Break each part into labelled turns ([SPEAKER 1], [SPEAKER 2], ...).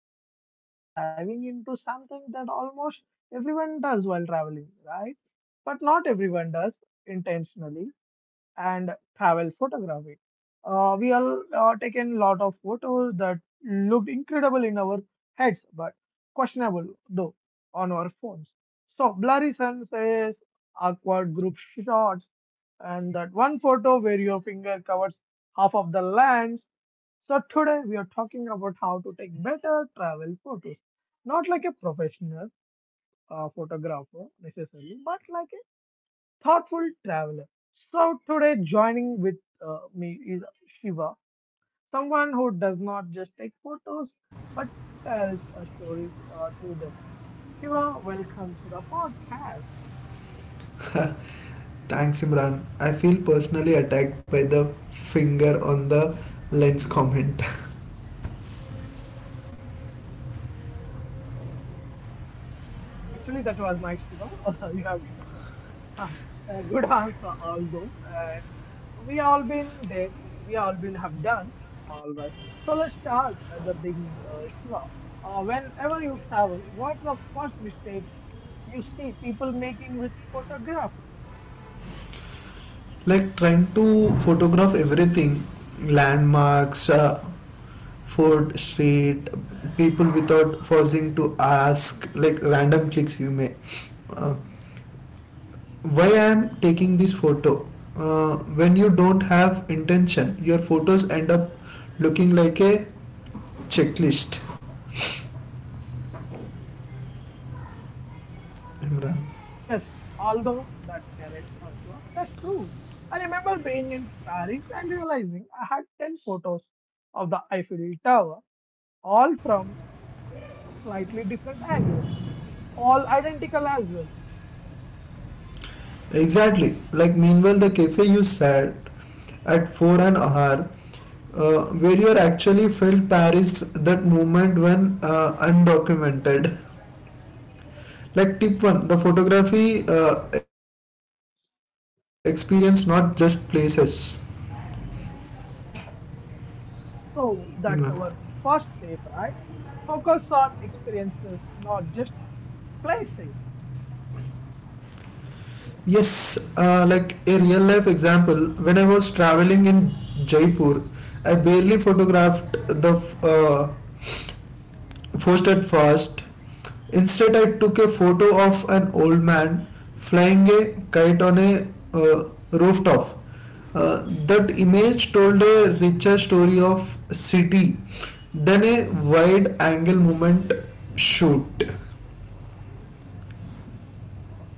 [SPEAKER 1] and today we are diving into something that almost everyone does while traveling, right? But not everyone does intentionally and travel photography. We all taken lot of photos that looked incredible in our heads, but questionable though on our phones. So blurry sunsets, awkward group shots, and that one photo where your finger covers half of the lens. So today we are talking about how to take better travel photos, not like a professional photographer necessarily, but like thoughtful traveler. So today, joining with me is Shiva, someone who does not just take photos but tells stories through them. Shiva, welcome to the podcast.
[SPEAKER 2] Thanks, Imran. I feel personally attacked by the finger on the lens comment.
[SPEAKER 1] Actually, that was nice, Shiva. you have given the- a good answer, although, and we all been there. We all been have done. All right. So let's start at the beginning, Shiva. Whenever you travel, what's the first mistake you see people making with photography.
[SPEAKER 2] like trying to photograph everything, landmarks, food, street, people without pausing to ask, like random clicks you may. Uh, why I am taking this photo? When you don't have intention, your photos end up looking like a checklist. Imran.
[SPEAKER 1] Yes, although that's correct, Ashwa, that's true. I remember being in Paris and realizing I had 10 photos of the Eiffel Tower, all from slightly different angles, all identical as well.
[SPEAKER 2] Exactly. Like meanwhile the cafe you said at 4 an hour, where you actually felt Paris that moment when undocumented. Like tip 1, the photography experience, not just places. Imran.
[SPEAKER 1] So that's our first tip, right? Focus on experiences, not just places.
[SPEAKER 2] Yes, like a real life example, when I was traveling in Jaipur, I barely photographed the uh, first. Instead, I took a photo of an old man flying a kite on a rooftop. That image told a richer story of city than a wide angle movement shoot.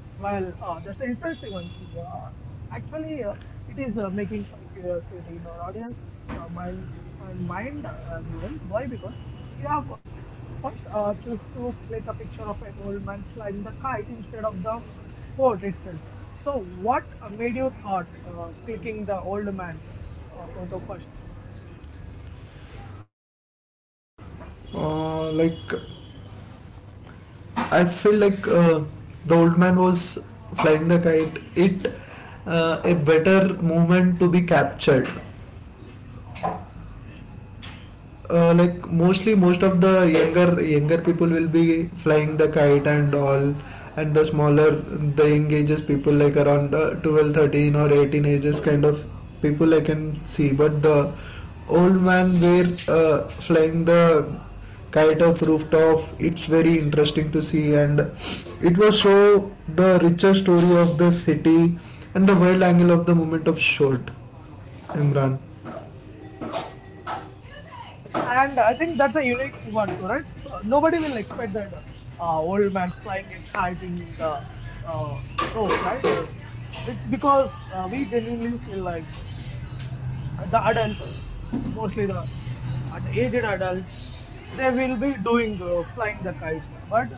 [SPEAKER 1] Well, that's an interesting one, Shiva. Actually, it is making some curiosity in our audience mind and mind as well. Why? Because we have first choose to click a picture of an old man flying the kite instead of the fort itself. So, what made you thought clicking the old man photo first?
[SPEAKER 2] Like I feel like the old man was flying the kite. It A better moment to be captured. Most of the younger people will be flying the kite and all, and the smaller, the young ages people like around 12, 13, or 18 ages kind of people I can see, but the old man were flying the kite of rooftop. It's very interesting to see, and it will show the richer story of the city and the wide angle of the movement of shot. Imran.
[SPEAKER 1] Yes, and I think that's a unique one too, right? Nobody will expect that old man's flying a kite in the uh, roof, right? It's because we genuinely feel like the adults, mostly the aged adults, they will be doing flying the kites. But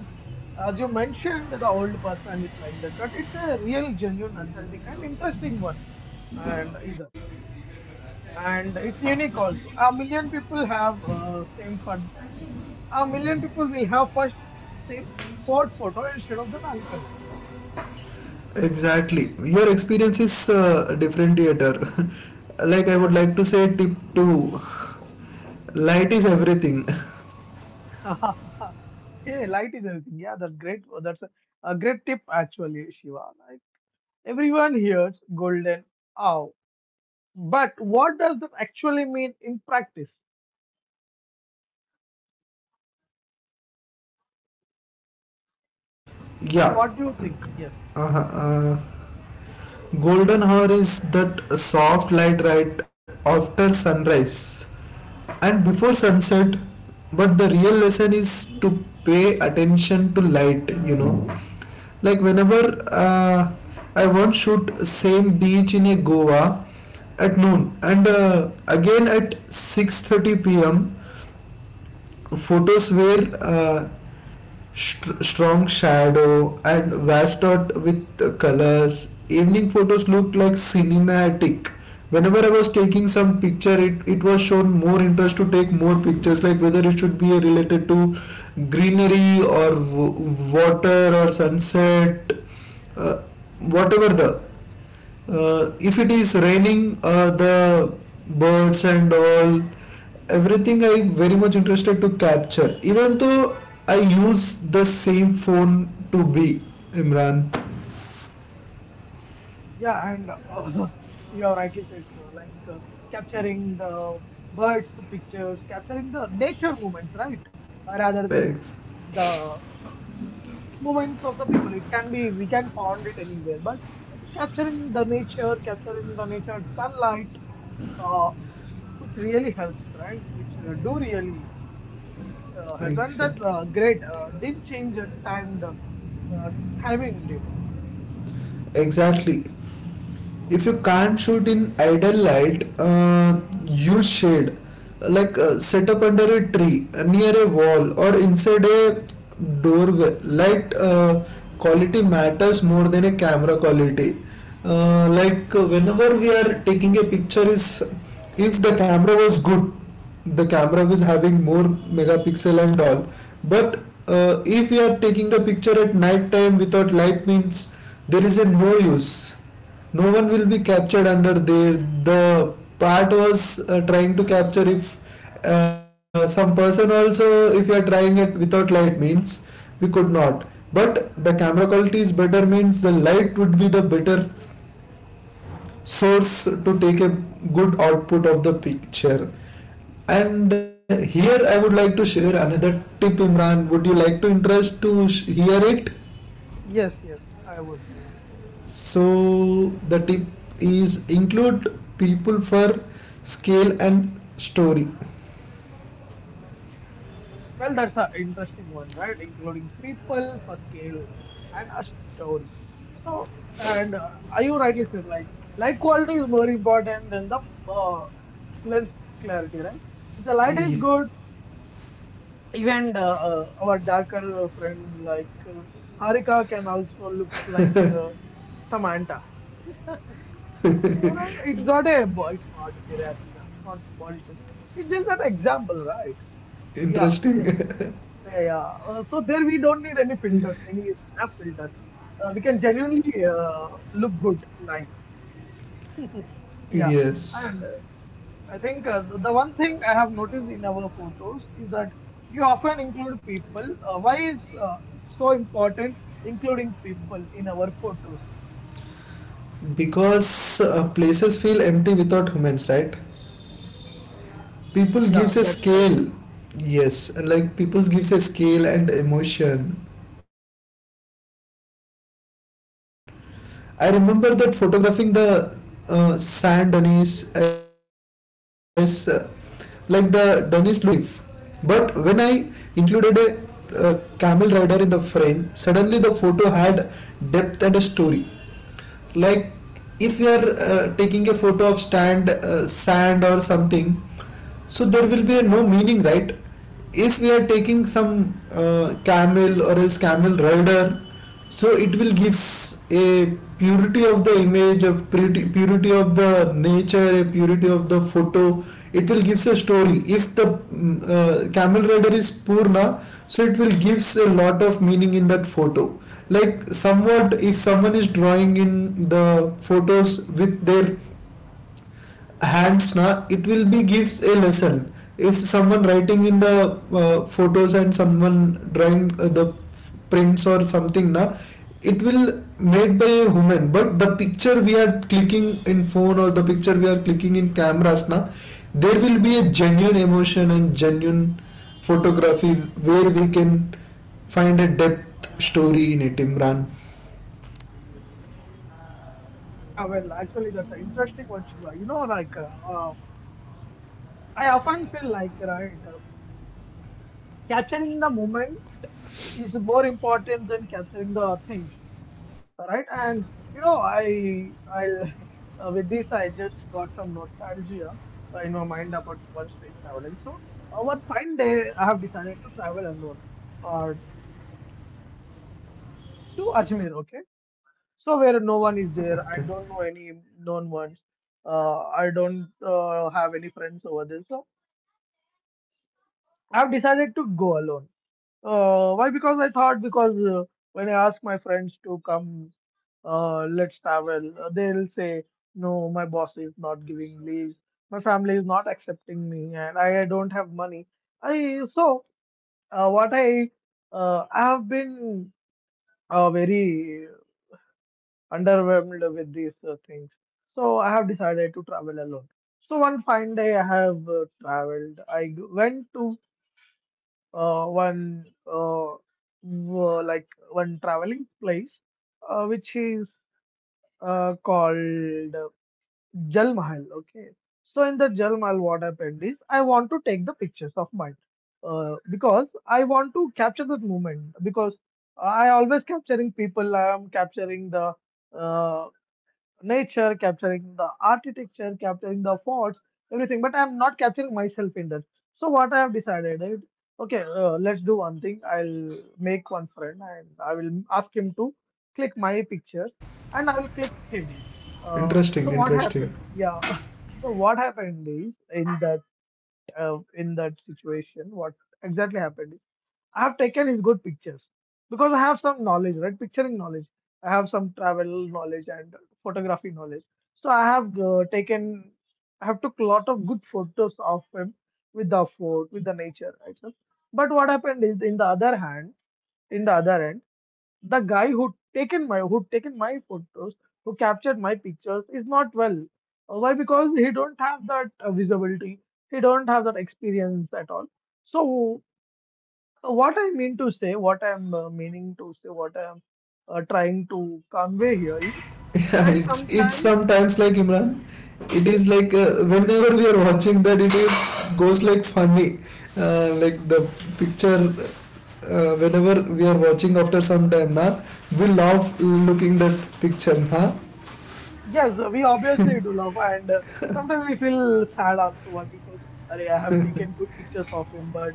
[SPEAKER 1] as you mentioned, the old person is flying the kite. It's a real, genuine, authentic, and interesting one, and either. And it's unique also. A million people have same fun A million people will have first same fourth photo instead of that uncle.
[SPEAKER 2] Exactly. Your experience is different. I would
[SPEAKER 1] Yes.
[SPEAKER 2] like to say tip 2. Light is everything.
[SPEAKER 1] yeah, light is everything. Yeah, that's great. That's a great tip actually, Shiva. Like everyone hears golden hour, but what does that actually mean in practice? So,
[SPEAKER 2] yeah.
[SPEAKER 1] what do you think? Yes.
[SPEAKER 2] Uh-huh. Uh, golden hour is that soft light right after sunrise and before sunset. But the real lesson is to pay attention to light, you know. Like whenever uh, I once shoot same beach in a Goa at noon and again at 6:30 pm. Photos were strong shadow and washed out with colors. Evening photos looked like cinematic. Whenever I was taking some picture, it was shown more interest to take more pictures, like whether it should be related to greenery or water or sunset, uh, whatever the if it is raining, the birds and all, everything I very much interested to capture. Even though I use the same phone to be. Imran.
[SPEAKER 1] Yeah, and you are rightly said, Shiva. Like capturing the birds' pictures, capturing the nature moments, right? Rather than
[SPEAKER 2] Ex-
[SPEAKER 1] the moments of the people. It can be we can find it anywhere, but capturing the nature sunlight, uh, which really helps, right? Which do really helps, and
[SPEAKER 2] exa-
[SPEAKER 1] that's great. Did change timed timing did.
[SPEAKER 2] exactly. If you can't shoot in ideal light, use shade, set up under a tree, near a wall or inside a doorway. Light quality matters more than a camera quality. Whenever we are taking a picture, is if the camera was good, the camera was having more megapixel and all, but if we are taking the picture at night time without light means, there is a no use, no one will be captured under there. The part was trying to capture, if some person also, if you are trying it without light means, we could not. But the camera quality is better means the light would be the better source to take a good output of the picture. And here I would like to share another tip, Imran. Would you like to interest to hear it?
[SPEAKER 1] Yes, yes, I would.
[SPEAKER 2] So the tip is include people for scale and story.
[SPEAKER 1] Well, that's an interesting one, right? Including people, a scale, and a story. So, and are you rightly said like light quality is more important than the uh, lens clarity, right? If the light is
[SPEAKER 2] Ye-
[SPEAKER 1] good, even our darker friend like Harika can also look like Samantha. So and it's not any racism, it's not body shaming. It's just an example, right? Yeah,
[SPEAKER 2] Interesting.
[SPEAKER 1] yeah. Yeah, yeah. So there we don't need any filters, any snap filters. We can genuinely look good, nice. Yeah,
[SPEAKER 2] yes,
[SPEAKER 1] and I think the one thing I have noticed in our photos is that you often include people. Why is it so important including people in our photos?
[SPEAKER 2] because places feel empty without humans, right? People
[SPEAKER 1] Yeah,
[SPEAKER 2] gives a
[SPEAKER 1] that's correct.
[SPEAKER 2] scale. Yes, like people gives a scale and emotion. I remember that photographing the sand dunnies as like the dunnies. But when I included a camel rider in the frame, suddenly the photo had depth and a story. Like if you are taking a photo of stand sand or something, so there will be no meaning, right? If we are taking some camel or else camel rider, so it will gives a purity of the image, a purity of the nature, a purity of the photo. It will gives a story, if the camel rider is purna, so it will gives a lot of meaning in that photo. Like somewhat, if someone is drawing in the photos with their hands na, it will be gives a lesson. If someone writing in the photos, and someone drawing the prints or something na, it will made by a human. But the picture we are clicking in phone, or the picture we are clicking in cameras na, there will be a genuine emotion and genuine photography where we can find a depth story in it. Imran.
[SPEAKER 1] Yeah, well, actually, that's an interesting one, Shiva. You know, like I often feel like right, capturing the moment is more important than capturing the things Alright, And you know, I with this I just got some nostalgia in my mind about one stream traveling. So one fine day I have decided to travel alone uh, to Ajmer. Okay, so where no one is there, I
[SPEAKER 2] Okay,
[SPEAKER 1] don't know any known ones. I don't have any friends over there, so I have decided to go alone. Why? Because I thought because when I ask my friends to come, let's travel, they'll say no. My boss is not giving leaves. My family is not accepting me, and I don't have money. I so what I have been very underwhelmed with these things. So I have decided to travel alone. So one fine day I have traveled. I went to uh, one uh, like one traveling place which is called Jal Mahal. Okay, so in the Jal Mahal, what happened is I want to take the pictures of mine because I want to capture that moment because I always capturing people. I am capturing the uh, nature, capturing the architecture, capturing the forts, everything. But I'm not capturing myself in that. So what I have decided, is, okay, let's do one thing. I'll make one friend and I will ask him to click my pictures and I will click him. Uh,
[SPEAKER 2] interesting,
[SPEAKER 1] so what
[SPEAKER 2] interesting.
[SPEAKER 1] happened? Yeah. So what happened is in that situation, what exactly happened is I have taken his good pictures because I have some knowledge, right? Picturing knowledge. I have some travel knowledge and photography knowledge. So I have took lot of good photos of him with the fort, with the nature, right? sir? But what happened is, in the other end. The guy who taken my photos, who captured my pictures, is not well. Why? Because he don't have that visibility. He don't have that experience at all. So what I mean to say, what I'm meaning to say, what I'm trying to convey here is
[SPEAKER 2] Yeah,
[SPEAKER 1] like
[SPEAKER 2] it's
[SPEAKER 1] sometimes
[SPEAKER 2] sometimes like, Imran, it is like whenever we are watching that, it is goes like funny, the picture. Whenever we are watching after some time, na, we love looking that picture, na.
[SPEAKER 1] Yes, we obviously do love, and sometimes we feel sad also why? Because arey, I have taken good pictures of him, but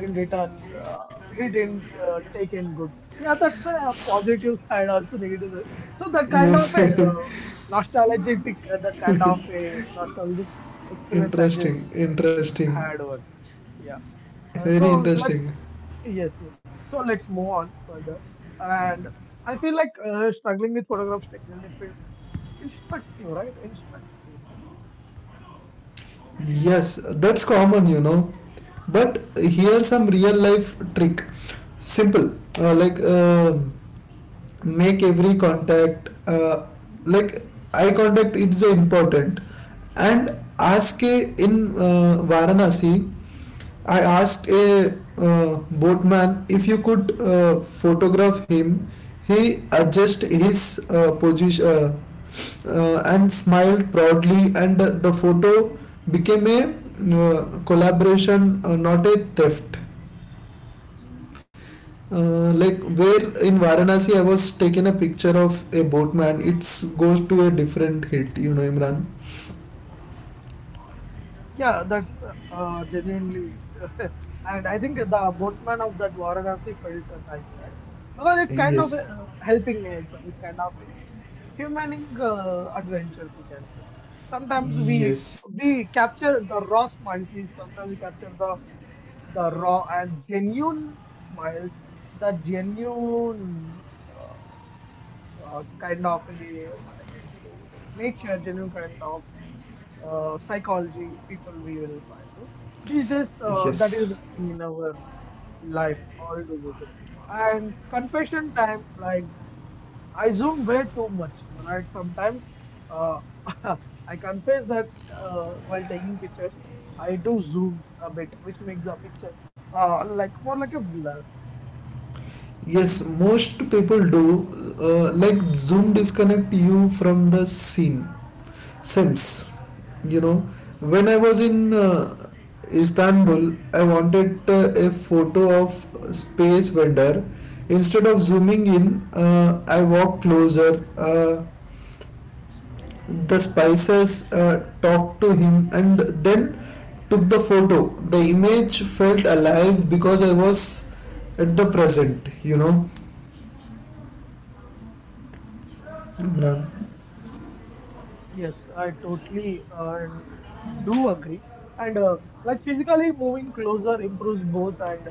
[SPEAKER 1] in return, he didn't take in good. Yeah, that's a positive side, also negative. Side. So that kind of
[SPEAKER 2] Yes,
[SPEAKER 1] a nostalgic experience I just
[SPEAKER 2] interesting, interesting,
[SPEAKER 1] had over. Yeah.
[SPEAKER 2] very
[SPEAKER 1] So let's
[SPEAKER 2] interesting.
[SPEAKER 1] yes, yes. So let's move on further. And I feel like struggling with photographs instructive, right? Instructive.
[SPEAKER 2] Yes, that's common, you know. But here some real life trick, simple, uh, like. Uh, make every contact like eye contact, it's important. And ask a, in Varanasi, I asked a boatman if you could photograph him. He adjusted his position and smiled proudly, and the photo became a collaboration, not a theft. Where in Varanasi, I was taking a picture of a boatman, it goes to a different hit, you know, Imran.
[SPEAKER 1] Yeah, that's genuinely, and I think the boatman of that Varanasi felt nice, right? Because it kind of
[SPEAKER 2] Yes,
[SPEAKER 1] helping nature, it kind of humaning adventures, we can say. Sometimes we
[SPEAKER 2] yes,
[SPEAKER 1] we capture the raw smiles. We sometimes we capture the raw and genuine smiles, the genuine uh, kind of a, what I can say, nature, genuine kind of psychology people we will find. It. These days, that is
[SPEAKER 2] yes.
[SPEAKER 1] missing in our life altogether. And confession time, like I zoom way too much, right? Sometimes uh, I confess that while taking pictures, I do zoom a bit, which makes the picture more like a blur.
[SPEAKER 2] Yes, most people do. Zoom disconnect you from the scene sense. You know, when I was in Istanbul, I wanted a photo of space vendor. Instead of zooming in, I walked closer. The spices talked to him and then took the photo. The image felt alive because I was at the present, you know. Imran.
[SPEAKER 1] Yes, I totally and do agree. And like physically moving closer improves both and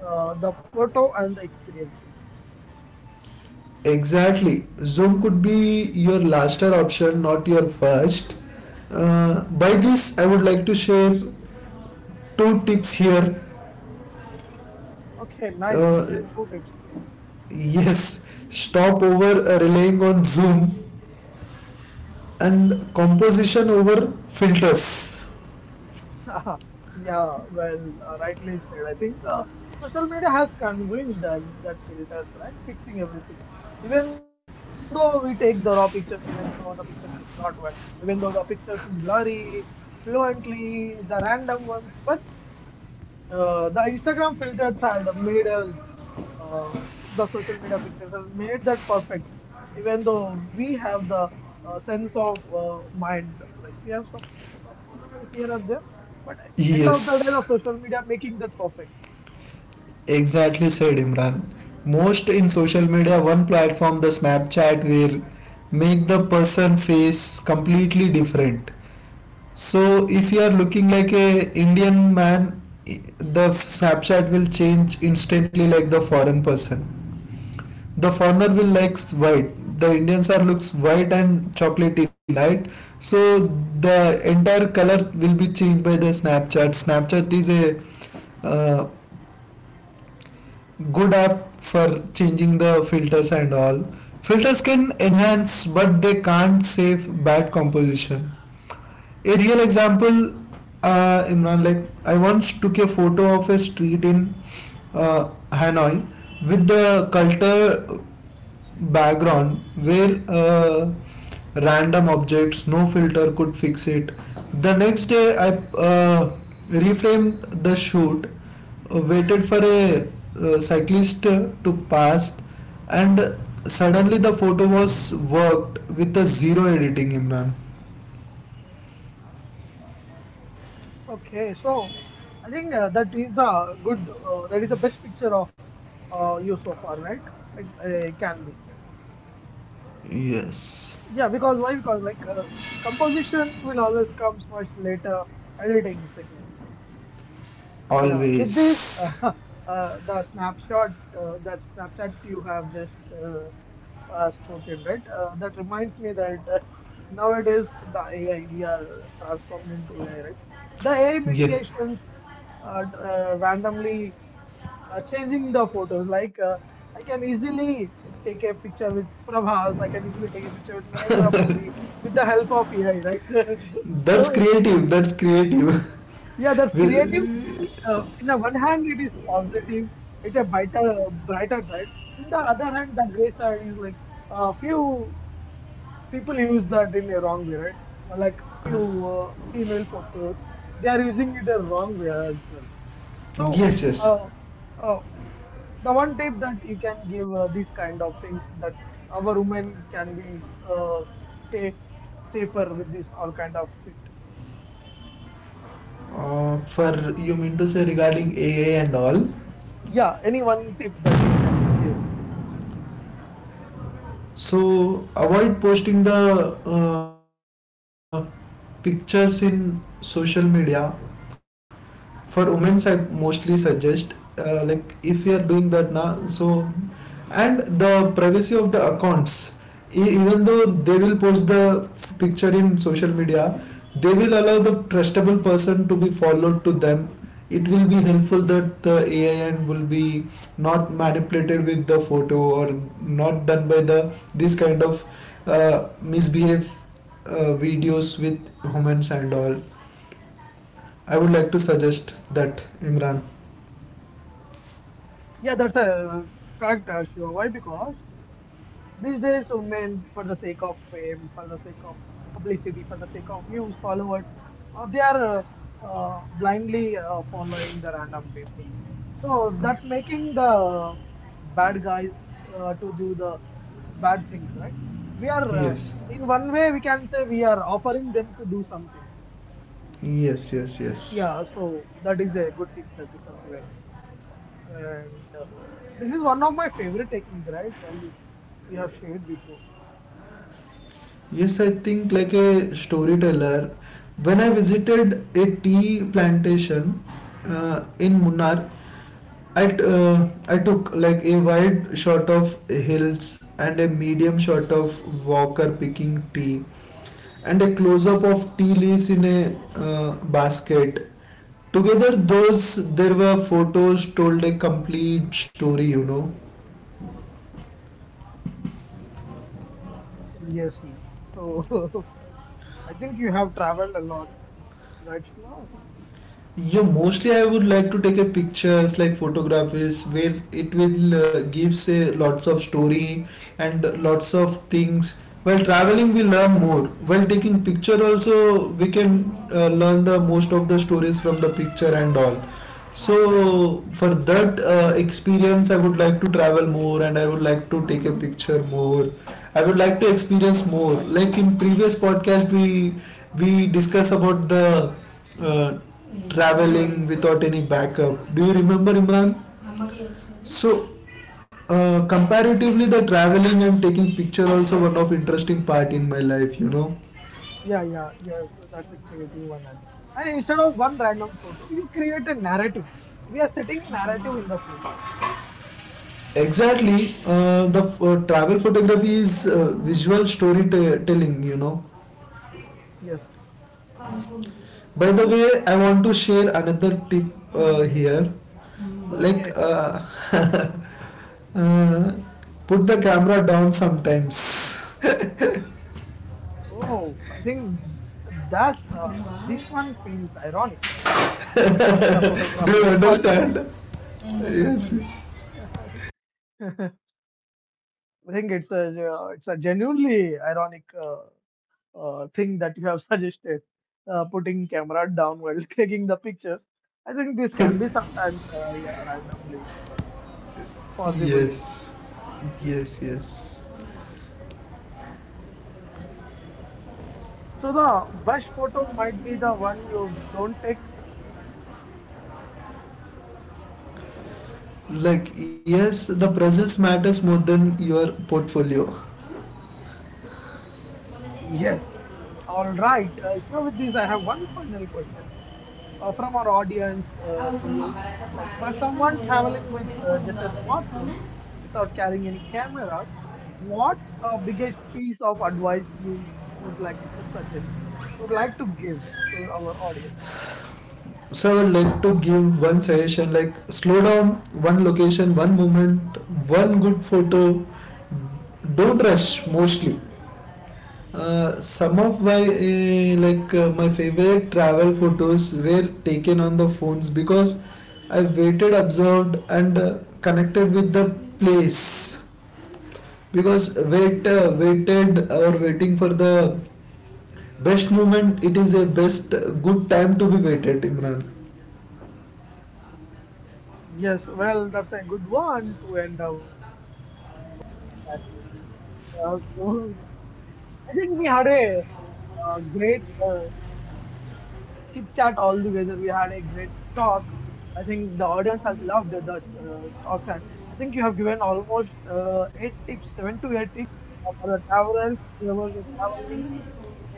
[SPEAKER 1] the photo and the experiences.
[SPEAKER 2] Exactly. Zoom could be your laster option, not your first. By this, I would like to share two tips here.
[SPEAKER 1] Okay, nice. These
[SPEAKER 2] Uh,
[SPEAKER 1] are two tips.
[SPEAKER 2] yes, Stop over relying on Zoom, and composition over filters.
[SPEAKER 1] Yeah, well, rightly said. I think social media has convinced us that filters, right, fixing everything. Even though we take the raw pictures, even though the pictures is not well, even though the pictures is blurry, fluently, the random ones, but the Instagram filters had made us uh, the social media pictures has made that perfect, even though we have the sense of mind, like we have some sense of pictures here and there. But end of the day,
[SPEAKER 2] Yes.
[SPEAKER 1] the social media making that perfect.
[SPEAKER 2] Exactly, said Imran. Most in social media, one platform, the Snapchat, will make the person face completely different. So, if you are looking like a Indian man, i- the Snapchat will change instantly like the foreign person. The foreigner will likes white. The Indians are looks white and chocolatey light. So the entire color will be changed by the Snapchat. Snapchat is a uh, good app for changing the filters and all. Filters can enhance, but they can't save bad composition. A real example, Imran, like I once took a photo of a street in Hanoi with the culture background where random objects, no filter could fix it. The next day, I uh, reframed the shoot, waited for a cyclist to pass, and suddenly the photo was worked with a zero editing. Imran.
[SPEAKER 1] Okay, so I think that is the best picture of you so far, right? It, can be.
[SPEAKER 2] Yes.
[SPEAKER 1] Yeah, because why? Because like composition will always comes much later, editing second. Yeah, with this,
[SPEAKER 2] Always.
[SPEAKER 1] uh, the snapshot, that snapshot you have just spoken, right? That reminds me that nowadays the AI, we are transformed into AI, right? The AI
[SPEAKER 2] Yes,
[SPEAKER 1] mitigations are randomly changing the photos. Like, I can easily take a picture with Prabhas, I can easily take a picture with Narendra Modi with the help of AI, right?
[SPEAKER 2] that's
[SPEAKER 1] so.
[SPEAKER 2] creative, that's creative.
[SPEAKER 1] Yeah, that's creative.
[SPEAKER 2] With-
[SPEAKER 1] In the one hand, it is positive. It's a brighter side. In the other hand, the gray side is like few people use that in a wrong way, right? Like few female photos, they are using it a wrong way as well. So,
[SPEAKER 2] yes, yes.
[SPEAKER 1] uh, uh, the one tip that you can give these kind of things that our women can be uh, stay safer with this all kind of shit.
[SPEAKER 2] For, you mean to say regarding aa and all?
[SPEAKER 1] Yeah, any one tip that you can give?
[SPEAKER 2] So avoid posting the uh, pictures in social media. For women's, I mostly suggest, uh, like if you are doing that now, so, and the privacy of the accounts, even though they will post the picture in social media, they will allow the trustable person to be followed to them. It will be helpful, that the AI and will be not manipulated with the photo, or not done by the this kind of uh, misbehave videos with humans and all. I would like to suggest that, Imran.
[SPEAKER 1] Yeah, that's a correct, Shiva. Why? Because these days, so men, for the sake of fame, for the sake of publicity, for the sake of views, followers, they are blindly following the random people. So that making the bad guys to do the bad things, right? We are,
[SPEAKER 2] Yes.
[SPEAKER 1] in one way, we can say we are offering them to do something.
[SPEAKER 2] Yes, yes, yes.
[SPEAKER 1] Yeah, so that is a good tip that you have given Shiva so far. And this is one of my favorite technique, right? You have shared before.
[SPEAKER 2] Yes, I think like a storyteller. When I visited a tea plantation in Munnar, I took like a wide shot of hills and a medium shot of walker picking tea and a close up of tea leaves in a basket. Together, those there were photos told a complete story, you know.
[SPEAKER 1] Yes, yes. So I think you have traveled a lot, right, Shiva? I think.
[SPEAKER 2] Yeah, mostly I would like to take a pictures like photographs where it will give say lots of story and lots of things. While traveling we learn more, while taking picture also we can learn the most of the stories from the picture and all. So for that experience, I would like to travel more, and I would like to take a picture more. I would like to experience more. Like in previous podcast we discuss about the uh, traveling without any backup. Do you remember, Imran? So comparatively, the traveling and taking picture also one of interesting part in my life. You know.
[SPEAKER 1] Yeah, yeah, yes. So that's a creative one. I think. And instead of one random photo, you create a narrative. We are setting a narrative in the photo.
[SPEAKER 2] Exactly, travel photography is visual storytelling. You know.
[SPEAKER 1] Yes,
[SPEAKER 2] By the
[SPEAKER 1] true.
[SPEAKER 2] way, I want to share another tip here. Like
[SPEAKER 1] Okay.
[SPEAKER 2] uh, put the camera down sometimes.
[SPEAKER 1] Oh, I think that's this one feels ironic, right? for a
[SPEAKER 2] Do
[SPEAKER 1] photography
[SPEAKER 2] you
[SPEAKER 1] podcast.
[SPEAKER 2] understand? Yes.
[SPEAKER 1] I think it's a genuinely ironic thing that you have suggested, putting camera down while taking the pictures. I think this can be sometimes yeah randomly or possibly.
[SPEAKER 2] Yes. Yes. Yes.
[SPEAKER 1] So the best photo might be the one you don't take.
[SPEAKER 2] Yes, the presence matters more than your portfolio.
[SPEAKER 1] Yes. All right. Sure. With this, I have one final question. From our audience to you. Like for someone traveling with just a smartphone without carrying any cameras, what's a biggest piece of advice you would like to suggest? You'd like to give to our audience?
[SPEAKER 2] So I would like to give one suggestion, like slow down, one location, one moment, one good photo, don't rush mostly. Some of my, my favorite travel photos were taken on the phones because I waited, observed, and connected with the place. Because wait waited or waiting for the best moment, it is a best good time to be waited, Imran.
[SPEAKER 1] Yes, well, that's a good one to end up. So I think we had a great chit chat all together. We had a great talk. I think the audience has loved the talks, and I think you have given almost eight tips, seven to eight For the towel, whoever the toweling,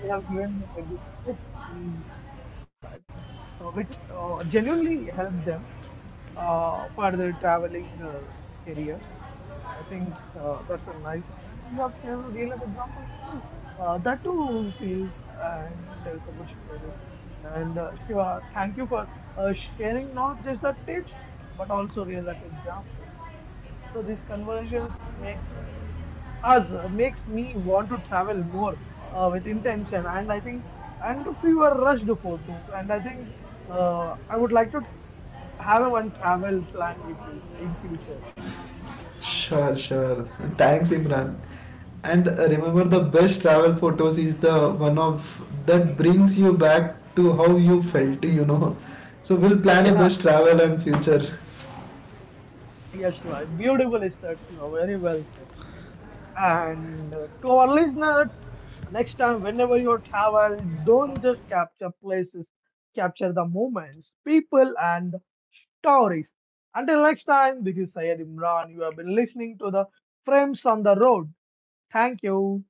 [SPEAKER 1] they have given the good tips in fact, which genuinely helps them for their traveling careers. I think that's a nice one. And you have shared real life examples too. That too feels and tells a good stories. And sure, thank you for sharing not just the tips, but also real life examples. So these conversations make us makes me want to travel more with intention and I think and fewer rushed photos and I think I would like to have a one travel plan with you in future
[SPEAKER 2] Sure, sure. Thanks, Imran. And remember, the best travel photos is the one of that brings you back to how you felt, you know. So, we'll plan a
[SPEAKER 1] yeah
[SPEAKER 2] best travel and future.
[SPEAKER 1] yeah Shiva, beautiful research, you know. Very well said. And to our listeners, next time whenever you travel, don't just capture places, capture the moments, people, and stories. Until next time, this is Sayed Imran. You have been listening to the Frames on the Road. Thank you.